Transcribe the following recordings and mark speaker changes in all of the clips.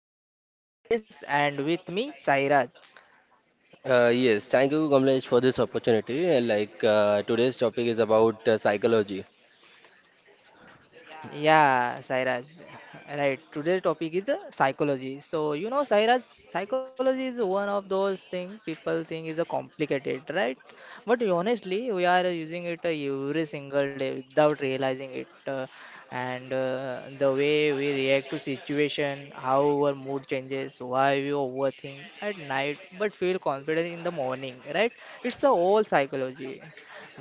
Speaker 1: podcast. This is Kamlesh and with me Sairaj.
Speaker 2: Yes, thank you, Kamlesh, for this opportunity. Today's topic is about psychology.
Speaker 1: Yeah, Sairaj. Right. Today's topic is psychology. So, you know, Sairaj, psychology is one of those things people think is a complicated, right? But honestly, we are using it every single day without realizing it. And the way we react to situation, how our mood changes, why we overthink at night but feel confident in the morning, right? It's a whole psychology.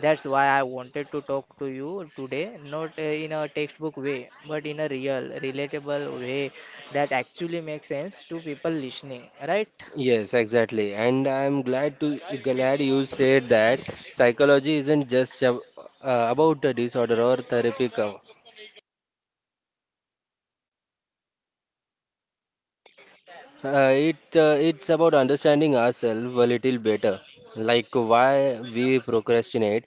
Speaker 1: That's why I wanted to talk to you today, not in a textbook way, but in a real, relatable way that actually makes sense to people listening, right?
Speaker 2: Yes, exactly. And I'm glad you said that psychology isn't just about a disorder or therapy. It's about understanding ourselves a little better, like why we procrastinate,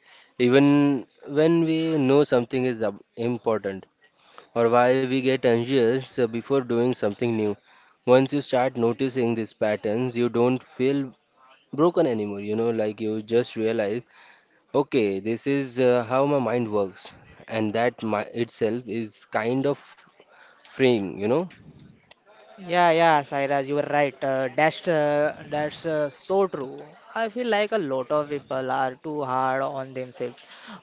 Speaker 2: even when we know something is important. Or why we get anxious before doing something new. Once you start noticing these patterns, you don't feel broken anymore. You know, like you just realize, okay, this is how my mind works, and that my, itself is kind of freeing.
Speaker 1: Yeah, yeah, Sairaj, you were right. That's so true. I feel like a lot of people are too hard on themselves.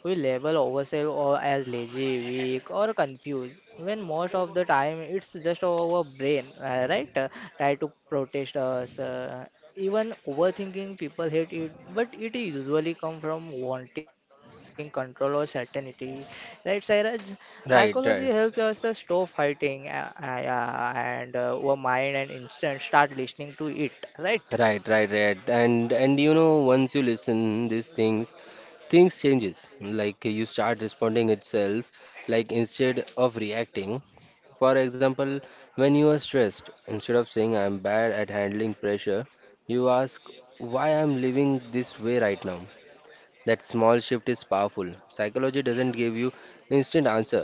Speaker 1: We label ourselves or as lazy, weak, or confused when most of the time it's just our brain, right? Try to protest us. Even overthinking, people hate it, but it usually come from wanting control or certainty, right, Sairaj? Psychology helps
Speaker 2: Right,
Speaker 1: us
Speaker 2: right.
Speaker 1: stop fighting yeah, and our mind and instant start listening to it, right?
Speaker 2: Right, right, right. And you know, once you listen these things, things changes. Like you start responding itself, like instead of reacting. For example, when you are stressed, instead of saying I'm bad at handling pressure, you ask why I'm living this way right now. That small shift is powerful. Psychology doesn't give you instant answer,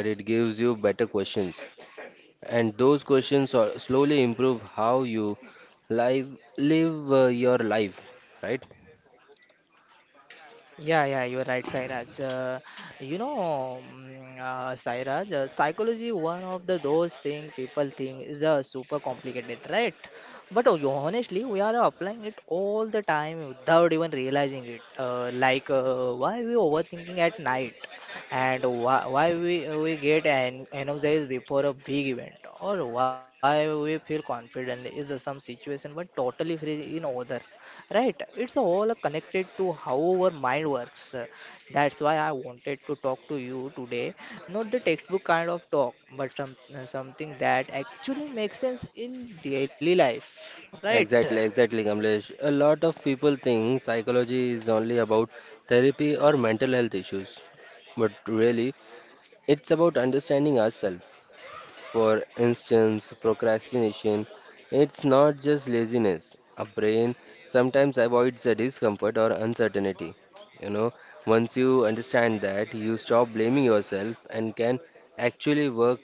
Speaker 2: but it gives you better questions. And those slowly improve how you live live your life, right?
Speaker 1: Yeah, yeah, you are right, Sairaj. You know, Sairaj, psychology one of the those thing people think is super complicated, right? But honestly, we are applying it all the time without even realizing it. Like, why we overthinking at night, and why we get an energized before a big event, or why we feel confident is some situation but totally free in other, right? It's all connected to how our mind works. That's why I wanted to talk to you today, not the textbook kind of talk, but some, something that actually makes sense in daily life, right?
Speaker 2: Exactly, exactly, Kamlesh. A lot of people think psychology is only about therapy or mental health issues. But really, it's about understanding ourselves. For instance, procrastination, it's not just laziness. Our brain sometimes avoids the discomfort or uncertainty. You know, once you understand that, you stop blaming yourself and can actually work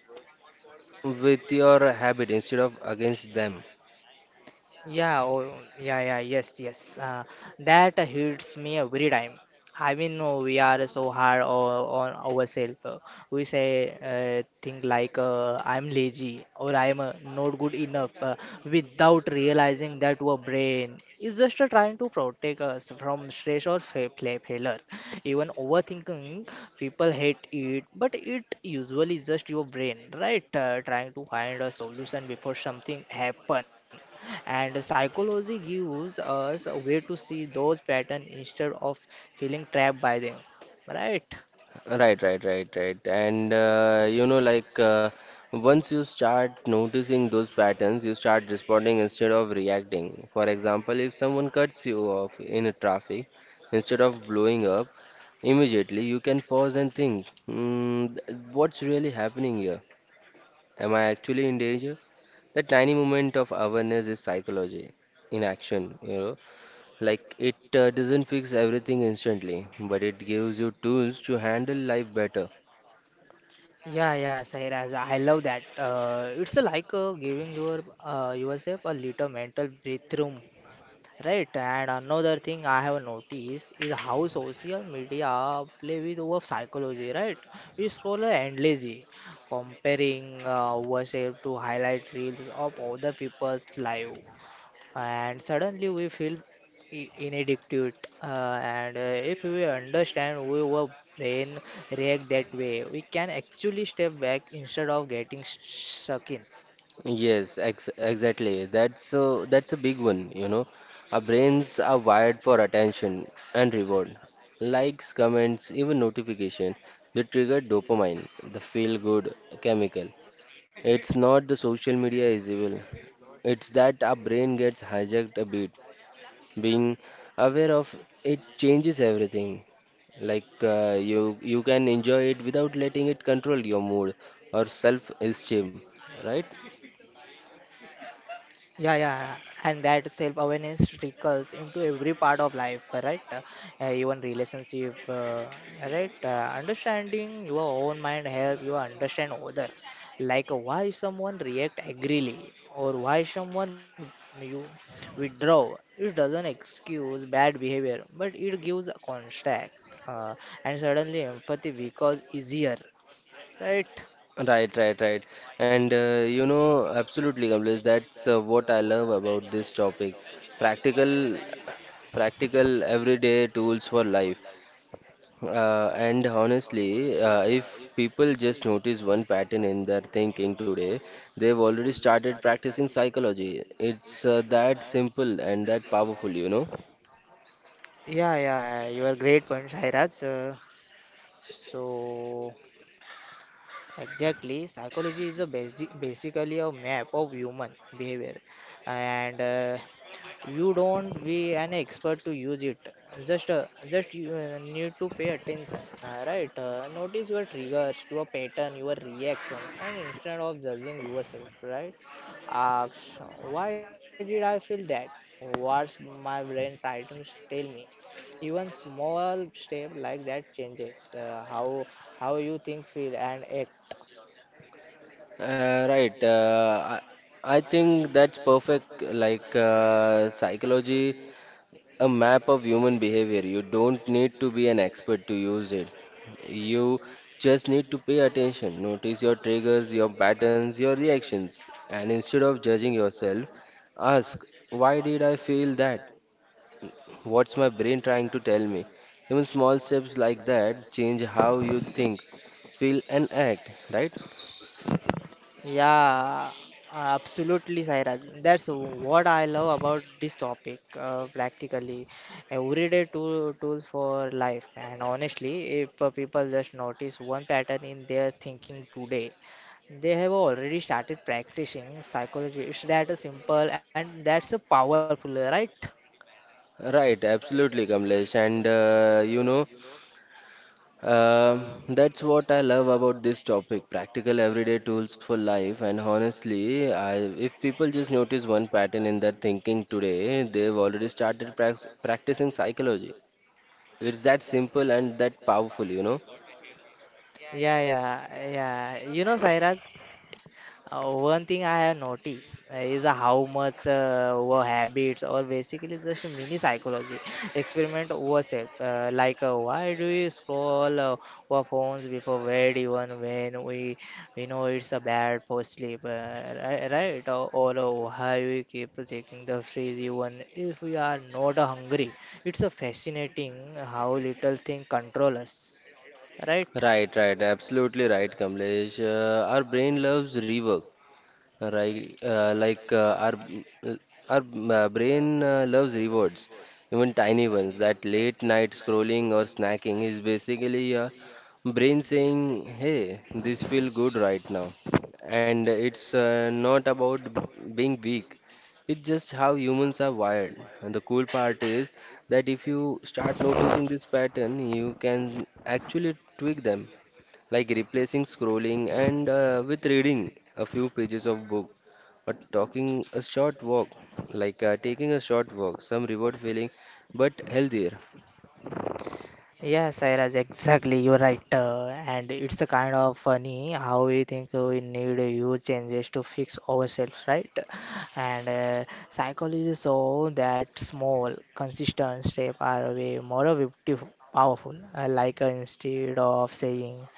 Speaker 2: with your habit instead of against them.
Speaker 1: Yeah, oh, yeah, yes, yes. That hits me every time. I mean, no, we are so hard on ourselves. We say things like, I'm lazy or I'm not good enough without realizing that our brain is just trying to protect us from stress or failure. Even overthinking, people hate it, but it usually just your brain, right? Trying to find a solution before something happen, and psychology gives us a way to see those patterns instead of feeling trapped by them, right?
Speaker 2: Right, right, right, right. And once you start noticing those patterns, you start responding instead of reacting. For example, if someone cuts you off in a traffic, instead of blowing up immediately, you can pause and think, what's really happening here? Am I actually in danger? That tiny moment of awareness is psychology in action, you know. Like it doesn't fix everything instantly, but it gives you tools to handle life better.
Speaker 1: Yeah, yeah, Sairaj, I love that. It's like giving yourself a little mental breathroom. Right, and another thing I have noticed is how social media play with our psychology, right? We scroll endlessly, comparing ourselves to highlight reels of other people's life, and suddenly we feel inadequate. And if we understand why our brain react that way, we can actually step back instead of getting stuck in.
Speaker 2: Yes, ex exactly. That's a big one, you know. Our brains are wired for attention and reward. Likes, comments, even notification, they trigger dopamine, the feel-good chemical. It's not the social media is evil. It's that our brain gets hijacked a bit. Being aware of it changes everything. Like you can enjoy it without letting it control your mood or self-esteem, right?
Speaker 1: Yeah, yeah, and that self-awareness trickles into every part of life, right? Even relationship, right? Understanding your own mind help you understand other, like why someone react angrily or why someone you withdraw. It doesn't excuse bad behavior, but it gives a context, uh, and suddenly empathy becomes easier, right?
Speaker 2: Right, right, right. And you know, absolutely, Kamlesh, that's what I love about this topic. Practical, practical, everyday tools for life. And honestly, if people just notice one pattern in their thinking today, they've already started practicing psychology. It's that simple and that powerful, you know.
Speaker 1: Yeah, yeah, you are great point, Sairaj. So, exactly, psychology is a basic, basically a map of human behavior, and you don't be an expert to use it. Just, just you need to pay attention, right? Notice your triggers, your pattern, your reaction, and instead of judging yourself, right? Ask, why did I feel that? What's my brain trying to tell me? Even small step like that changes how you think feel and act.
Speaker 2: Right. I think that's perfect. Like psychology a map of human behavior. You don't need to be an expert to use it. You just need to pay attention, notice your triggers, your patterns, your reactions, and instead of judging yourself, ask, why did I feel that? What's my brain trying to tell me? Even small steps like that change how you think, feel, and act, right?
Speaker 1: Yeah, absolutely, Sairaj. That's what I love about this topic. Practically, everyday tools for life. And honestly, if people just notice one pattern in their thinking today, they have already started practicing psychology. It's that simple and that's a powerful, right?
Speaker 2: Right, absolutely, Kamlesh. And that's what I love about this topic, practical everyday tools for life. And honestly, if people just notice one pattern in their thinking today, they've already started prax practicing psychology. It's that simple and that powerful, you know?
Speaker 1: Yeah, yeah, yeah. You know, Sairaj. One thing I have noticed is how much our habits or basically just mini psychology experiment ourselves. Like, why do we scroll our phones before bed, even when we know it's a bad for sleep, right? Or, or why we keep checking the fridge even if we are not hungry? It's a fascinating how little thing control us, right?
Speaker 2: Right, right, absolutely right, Kamlesh. Our brain loves rework. Right, like our brain loves rewards, even tiny ones. That late night scrolling or snacking is basically your brain saying, "Hey, this feel good right now," and it's not about being weak. It's just how humans are wired. And the cool part is that if you start noticing this pattern, you can actually tweak them like replacing scrolling and with reading a few pages of book or talking a short walk, taking a short walk, some reward feeling, but healthier.
Speaker 1: Yes, Sairaj, exactly. You're right. And it's a kind of funny how we think we need huge changes to fix ourselves, right? And psychology show that small, consistent steps are way more beautiful, powerful. Like, instead of saying,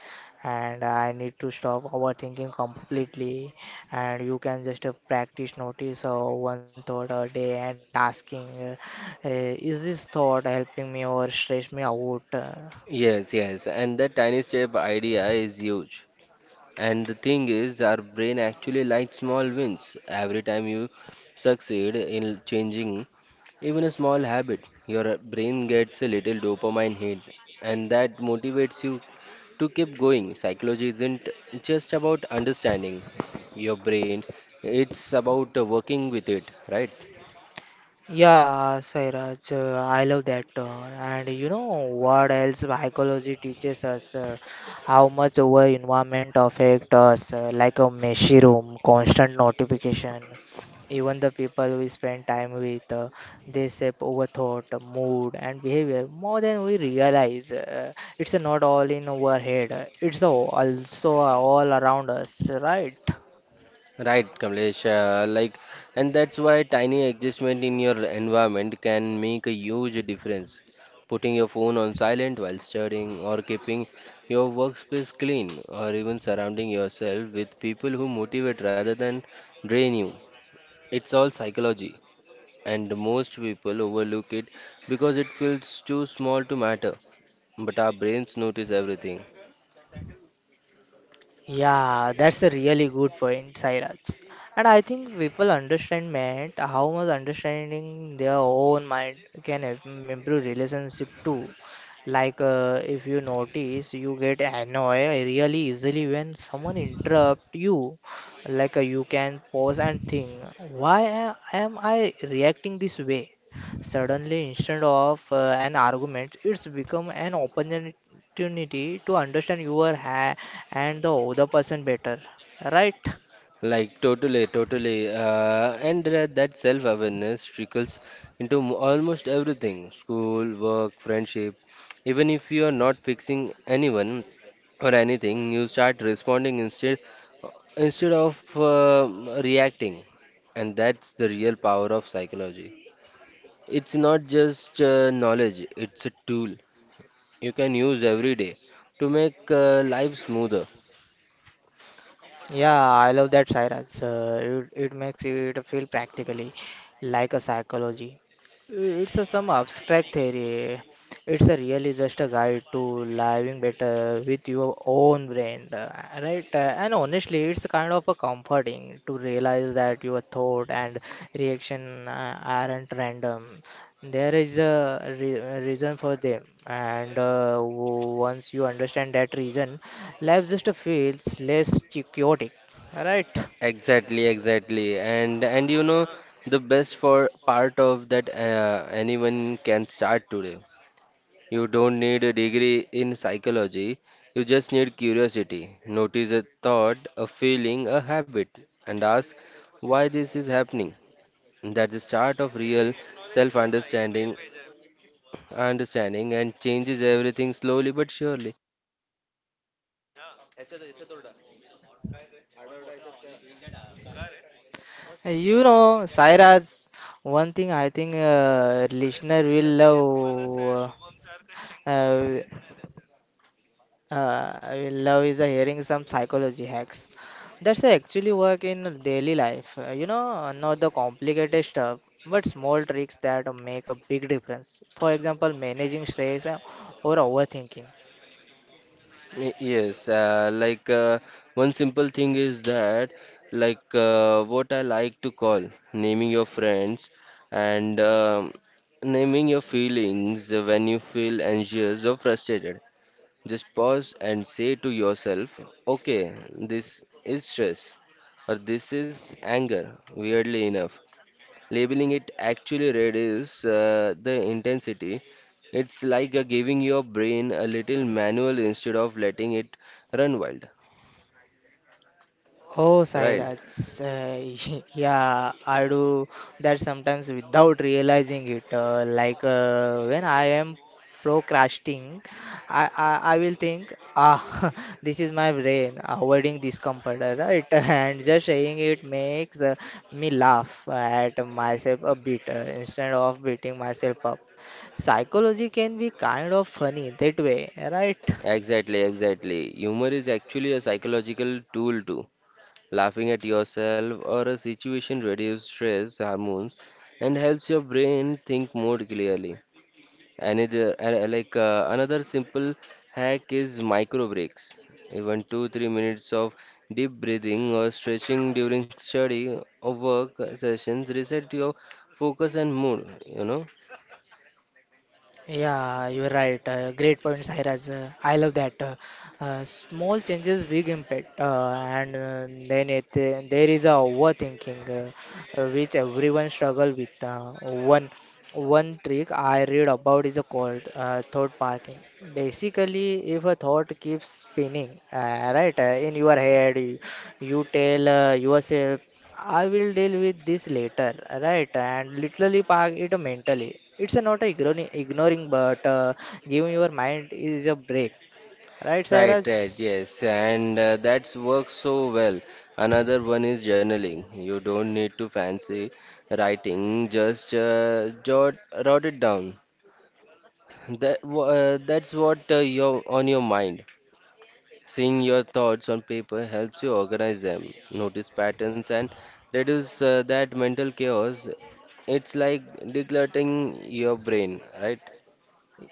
Speaker 1: and I need to stop overthinking completely, and you can just practice notice one thought a day and asking uh, is this thought helping me or stress me out?
Speaker 2: Yes, yes, and that tiny step idea is huge. And the thing is, our brain actually likes small wins. Every time you succeed in changing even a small habit, your brain gets a little dopamine hit, and that motivates you to keep going. Psychology isn't just about understanding your brain, it's about working with it, right?
Speaker 1: Yeah, Sairaj, I love that. And you know what else psychology teaches us? How much our environment affect us, like a messy room, constant notification. Even the people we spend time with, they shape our thought, mood, and behavior more than we realize. It's not all in our head; it's also all around us, right?
Speaker 2: Right, Kamlesh. And that's why tiny adjustment in your environment can make a huge difference. Putting your phone on silent while studying, or keeping your workspace clean, or even surrounding yourself with people who motivate rather than drain you. It's all psychology, and most people overlook it because it feels too small to matter. But our brains notice everything.
Speaker 1: Yeah, that's a really good point, Sairaj. And I think people understand that how much understanding their own mind can improve relationship too. Like, if you notice, you get annoyed really easily when someone interrupt you. Like, you can pause and think, why am I reacting this way? Suddenly, instead of an argument, it's become an opportunity to understand your ha and the other person better, right?
Speaker 2: Like totally, totally, and That self-awareness trickles into almost everything: school, work, friendship. Even if you are not fixing anyone or anything, you start responding instead of reacting, and that's the real power of psychology. It's not just knowledge; it's a tool you can use every day to make life smoother.
Speaker 1: Yeah, I love that sirens. It makes it feel practically like a psychology. It's a some abstract theory. It's a really just a guide to living better with your own brain, right? And honestly, it's kind of a comforting to realize that your thought and reaction aren't random. There is a reason for them, and once you understand that reason, life just feels less chaotic. Alright.
Speaker 2: Exactly, exactly. And you know the best for part of that, anyone can start today. You don't need a degree in psychology. You just need curiosity. Notice a thought, a feeling, a habit, and ask why this is happening. That's the start of real self-understanding, understanding and changes everything slowly but surely.
Speaker 1: You know, Sairaj, one thing I think listener will love. Uh, uh, will love is hearing some psychology hacks. That's actually work in daily life. You know, not the complicated stuff, but small tricks that make a big difference. For example, managing stress or overthinking.
Speaker 2: Yes, one simple thing is that, what I like to call naming your friends and naming your feelings when you feel anxious or frustrated. Just pause and say to yourself, okay, this is stress or this is anger, weirdly enough. Labeling it actually reduces the intensity. It's like giving your brain a little manual instead of letting it run wild.
Speaker 1: Oh,
Speaker 2: Right.
Speaker 1: Sairaj, yeah, I do that sometimes without realizing it. Like, when I am procrastinating, I will think, ah, this is my brain avoiding discomfort, right? And just saying it makes me laugh at myself a bit instead of beating myself up. Psychology can be kind of funny that way, right?
Speaker 2: Exactly, exactly. Humor is actually a psychological tool too. Laughing at yourself or a situation reduces stress hormones and helps your brain think more clearly. Another another simple hack is micro breaks. Even 2, 3 minutes of deep breathing or stretching during study or work sessions reset your focus and mood, you know.
Speaker 1: Yeah, you're right. Great points, Sairaj. I love that. Small changes, big impact. And then there is a overthinking, which everyone struggle with. One trick I read about is a called thought parking. Basically, if a thought keeps spinning, right, in your head, you tell yourself, I will deal with this later, right, and literally park it mentally. It's not ignoring, but giving your mind is a break, right,
Speaker 2: Right, right,
Speaker 1: Cyrus?
Speaker 2: yes, and that's works so well. Another one is journaling. You don't need to fancy writing, just jot it down. That's what your on your mind. Seeing your thoughts on paper helps you organize them, notice patterns, and reduce that mental chaos. It's like decluttering your brain, right?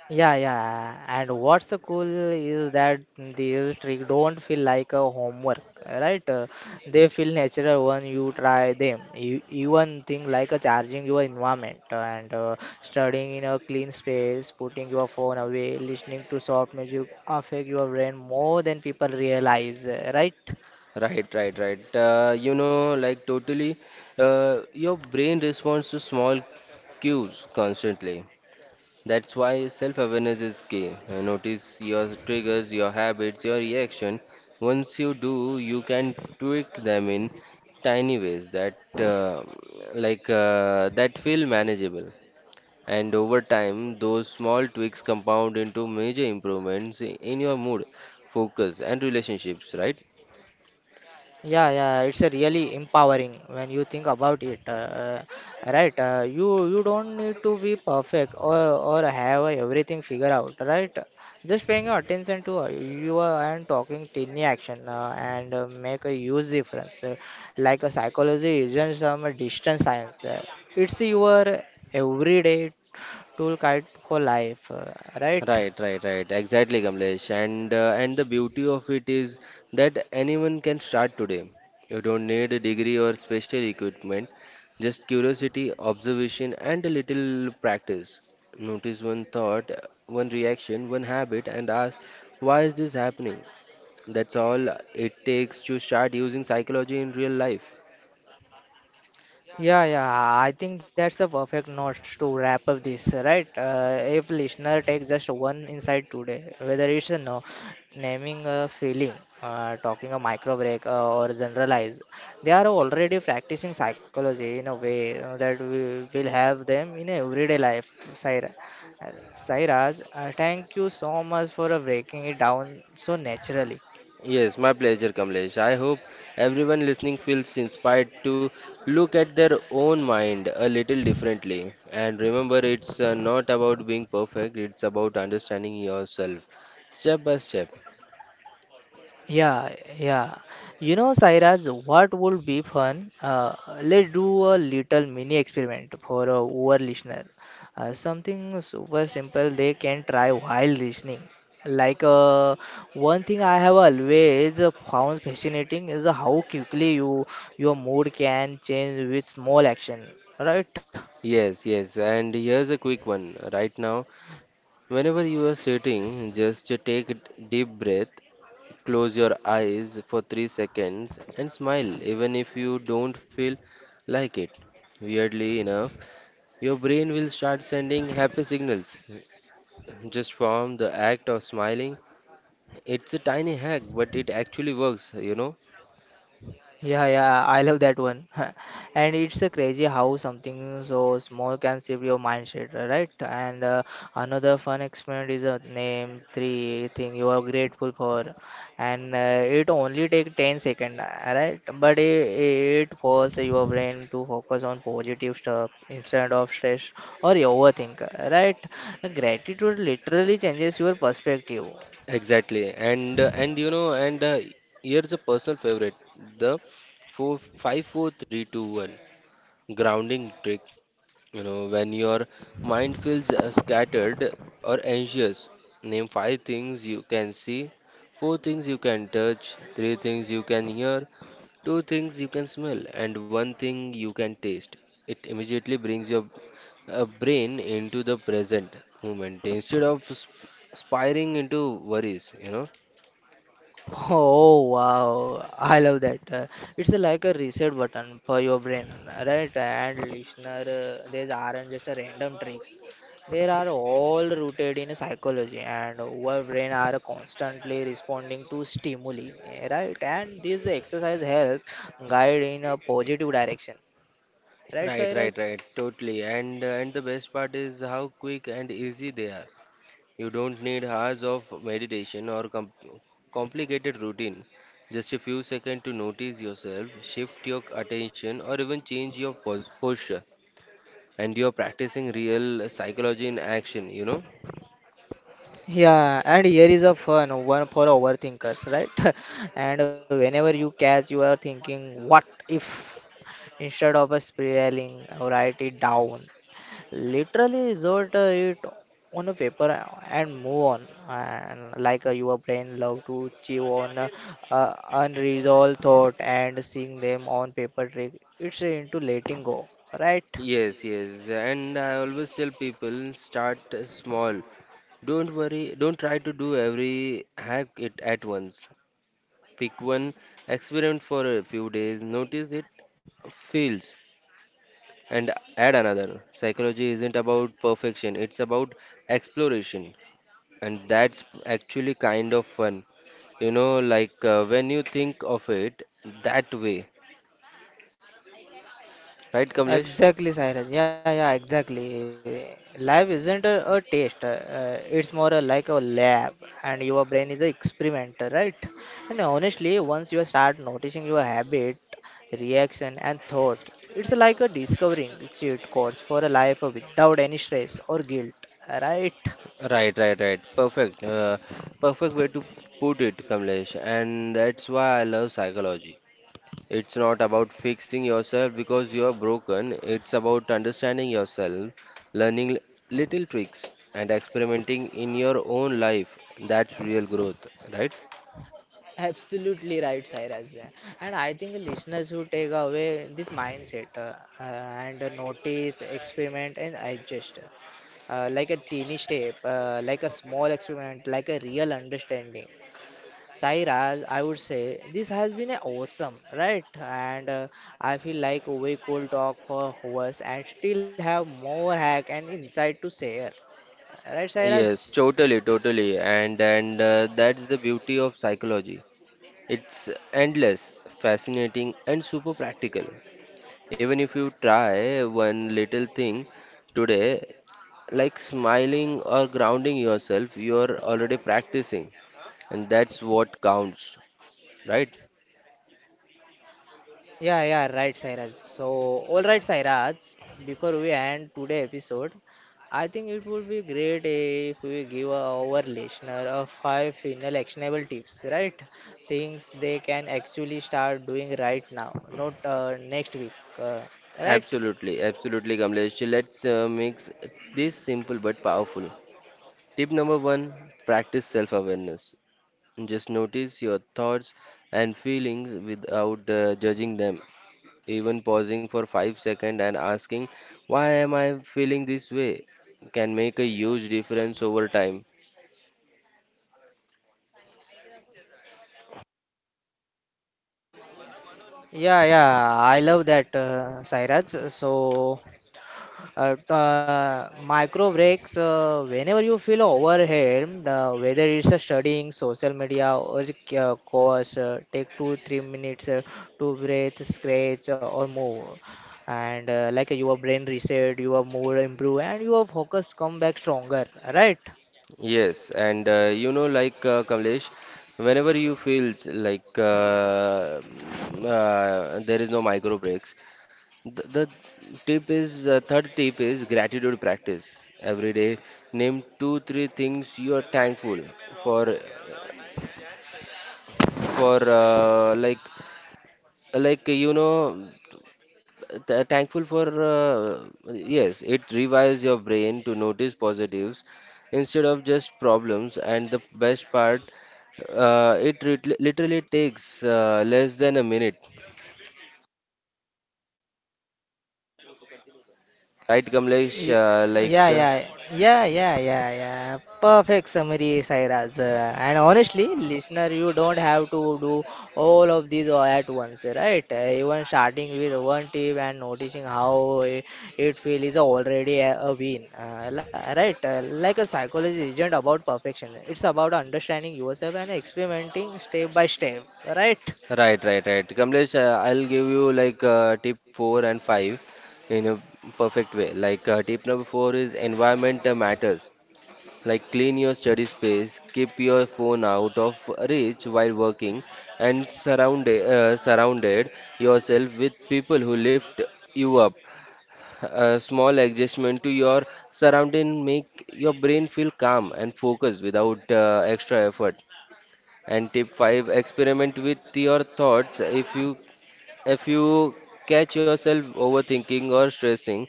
Speaker 1: Yeah, yeah. And what's so cool is that these tricks don't feel like a homework, right? They feel natural when you try them. Even thing like charging your environment and studying in a clean space, putting your phone away, listening to soft music affect your brain more than people realize, right?
Speaker 2: Right, right, right. Your brain responds to small cues constantly. That's why self awareness is key. Notice your triggers, your habits, your reaction. Once you do, you can tweak them in tiny ways that feel manageable. And over time, those small tweaks compound into major improvements in your mood, focus, and relationships, right?
Speaker 1: Yeah, yeah, it's a really empowering when you think about it, right? You don't need to be perfect or have everything figured out, right? Just paying attention to you are- and talking tiny action and make a huge difference. Like a psychology isn't some distant science. It's your everyday toolkit for life, right?
Speaker 2: Right, right, right. Exactly, Kamlesh. And the beauty of it is that anyone can start today. You don't need a degree or special equipment, just curiosity, observation, and a little practice. Notice one thought, one reaction, one habit, and ask, why is this happening? That's all it takes to start using psychology in real life.
Speaker 1: Yeah, yeah, I think that's a perfect note to wrap up this, right? If listener take just one insight today, whether it's you know, naming a feeling, talking a micro break, or generalize, they are already practicing psychology in a way that we will have them in everyday life. Saira, Sairaj, thank you so much for breaking it down so naturally.
Speaker 2: Yes, my pleasure, Kamlesh. I hope everyone listening feels inspired to look at their own mind a little differently. And remember, it's not about being perfect, it's about understanding yourself step by step.
Speaker 1: Yeah, yeah. You know, Sairaj, what would be fun? Let's do a little mini experiment for our listener. Something super simple they can try while listening. Like, one thing I have always found fascinating is how quickly your mood can change with small action, right?
Speaker 2: Yes, yes. And here's a quick one right now. Whenever you are sitting, just take a deep breath, close your eyes for 3 seconds, and smile, even if you don't feel like it. Weirdly enough, your brain will start sending happy signals just from the act of smiling. It's a tiny hack, but it actually works, you know.
Speaker 1: Yeah, yeah, I love that one. And it's a crazy how something so small can shift your mindset, right? And another fun experiment is a name three thing you are grateful for, and it only take 10 seconds, right? It forces your brain to focus on positive stuff instead of stress or you overthink, right? Gratitude literally changes your perspective.
Speaker 2: Exactly. And you know and here's a personal favorite, the four five four three two one grounding trick. You know, when your mind feels scattered or anxious, name 5 things you can see, 4 things you can touch, 3 things you can hear, 2 things you can smell and one thing you can taste. It immediately brings your brain into the present moment instead of spiring into worries, you know.
Speaker 1: Oh wow, I love that. It's like a reset button for your brain, right? And listener, these aren't just a random tricks. They are all rooted in psychology, and our brain are constantly responding to stimuli, right? And this exercise help guide in a positive direction, right,
Speaker 2: Right, right,
Speaker 1: Cyrus?
Speaker 2: right. Totally. And the best part is how quick and easy they are. You don't need hours of meditation or complicated routine. Just a few seconds to notice yourself, shift your attention, or even change your posture. And you're practicing real psychology in action, you know?
Speaker 1: Yeah, and here is a fun one for overthinkers, right? And whenever you catch, you are thinking, what if? Instead of a spiraling, write it down. Literally resort it on a paper and move on. And like your brain love to chew on unresolved thought and seeing them on paper trick. It's into letting go, right?
Speaker 2: Yes, yes, and I always tell people start small. Don't worry, don't try to do every hack it at once. Pick one, experiment for a few days, notice it feels, and add another. Psychology isn't about perfection, it's about exploration, and that's actually kind of fun. You know, when you think of it that way, right, Kamlesh?
Speaker 1: Exactly, Cyrus. Yeah, yeah, exactly. Life isn't a test. It's more like a lab, and your brain is an experimenter, right? And honestly, once you start noticing your habit, reaction, and thought, it's like a discovering cheat codes for a life without any stress or guilt, right?
Speaker 2: Right, right, right. Perfect. Perfect way to put it, Kamlesh. And that's why I love psychology. It's not about fixing yourself because you are broken. It's about understanding yourself, learning l- little tricks, and experimenting in your own life. That's real growth, right?
Speaker 1: Absolutely right, Cyrus. And I think listeners who take away this mindset and notice, experiment, and adjust. Like a teeny step, like a small experiment, like a real understanding. Sairaj, I would say this has been a awesome, right? And I feel like we could talk for hours and still have more hack and insight to share, right, Sairaj?
Speaker 2: Yes, totally, totally. And that's the beauty of psychology. It's endless, fascinating, and super practical. Even if you try one little thing today, like smiling or grounding yourself, you're already practicing, and that's what counts, right?
Speaker 1: Yeah, yeah, right, Sairaj. So, all right, Sairaj, before we end today episode, I think it would be great if we give our listener a five final actionable tips, right? Things they can actually start doing right now, not next week, uh, right?
Speaker 2: Absolutely, absolutely, Kamlesh. Let's make this simple but powerful. Tip number one, practice self awareness. Just notice your thoughts and feelings without judging them. Even pausing for 5 seconds and asking, why am I feeling this way, can make a huge difference over time.
Speaker 1: Yeah, yeah, I love that, Sairaj. So, micro breaks whenever you feel overwhelmed, whether it's studying, social media, or course, take 2 3 minutes to breathe, scratch, or move. And like your brain reset, your mood improve, and your focus come back stronger. Right?
Speaker 2: Yes, and Kamlesh, whenever you feel like there is no micro breaks, the tip is third tip is gratitude practice. Every day, name 2, 3 things you are thankful for, for like you know th- thankful for yes it rewires your brain to notice positives instead of just problems. And the best part, it literally takes less than a minute, right Kamlesh?
Speaker 1: Y-
Speaker 2: Uh, like
Speaker 1: Yeah,
Speaker 2: uh,
Speaker 1: yeah, Perfect summary, Sairaj. And honestly, listener, you don't have to do all of these all at once, right? Even starting with one tip and noticing how it feels is already a win, right? Like a psychology isn't about perfection. It's about understanding yourself and experimenting step by step, right?
Speaker 2: right right, right, Kamlesh. I'll give you tip 4 and 5 in a perfect way. Tip number 4 is environment matters. Like, clean your study space, keep your phone out of reach while working, and surrounded yourself with people who lift you up. A small adjustment to your surrounding make your brain feel calm and focused without extra effort. And tip 5, experiment with your thoughts. If you catch yourself overthinking or stressing,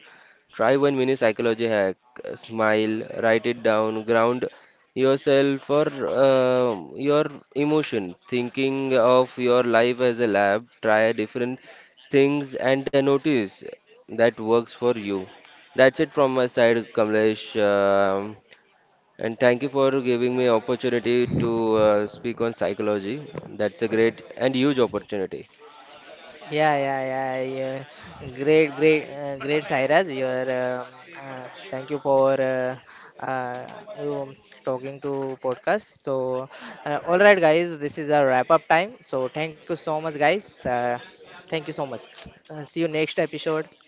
Speaker 2: try one mini psychology hack. Smile, write it down, ground yourself for your emotion. Thinking of your life as a lab, try different things and notice that works for you. That's it from my side, Kamlesh. And thank you for giving me opportunity to speak on psychology. That's a great and huge opportunity.
Speaker 1: Yeah, yeah. Great, great, Sairaj. Your thank you for uh, you talking to podcast. So, all right, guys, this is our wrap up time. So, thank you so much, guys. Thank you so much. See you next episode.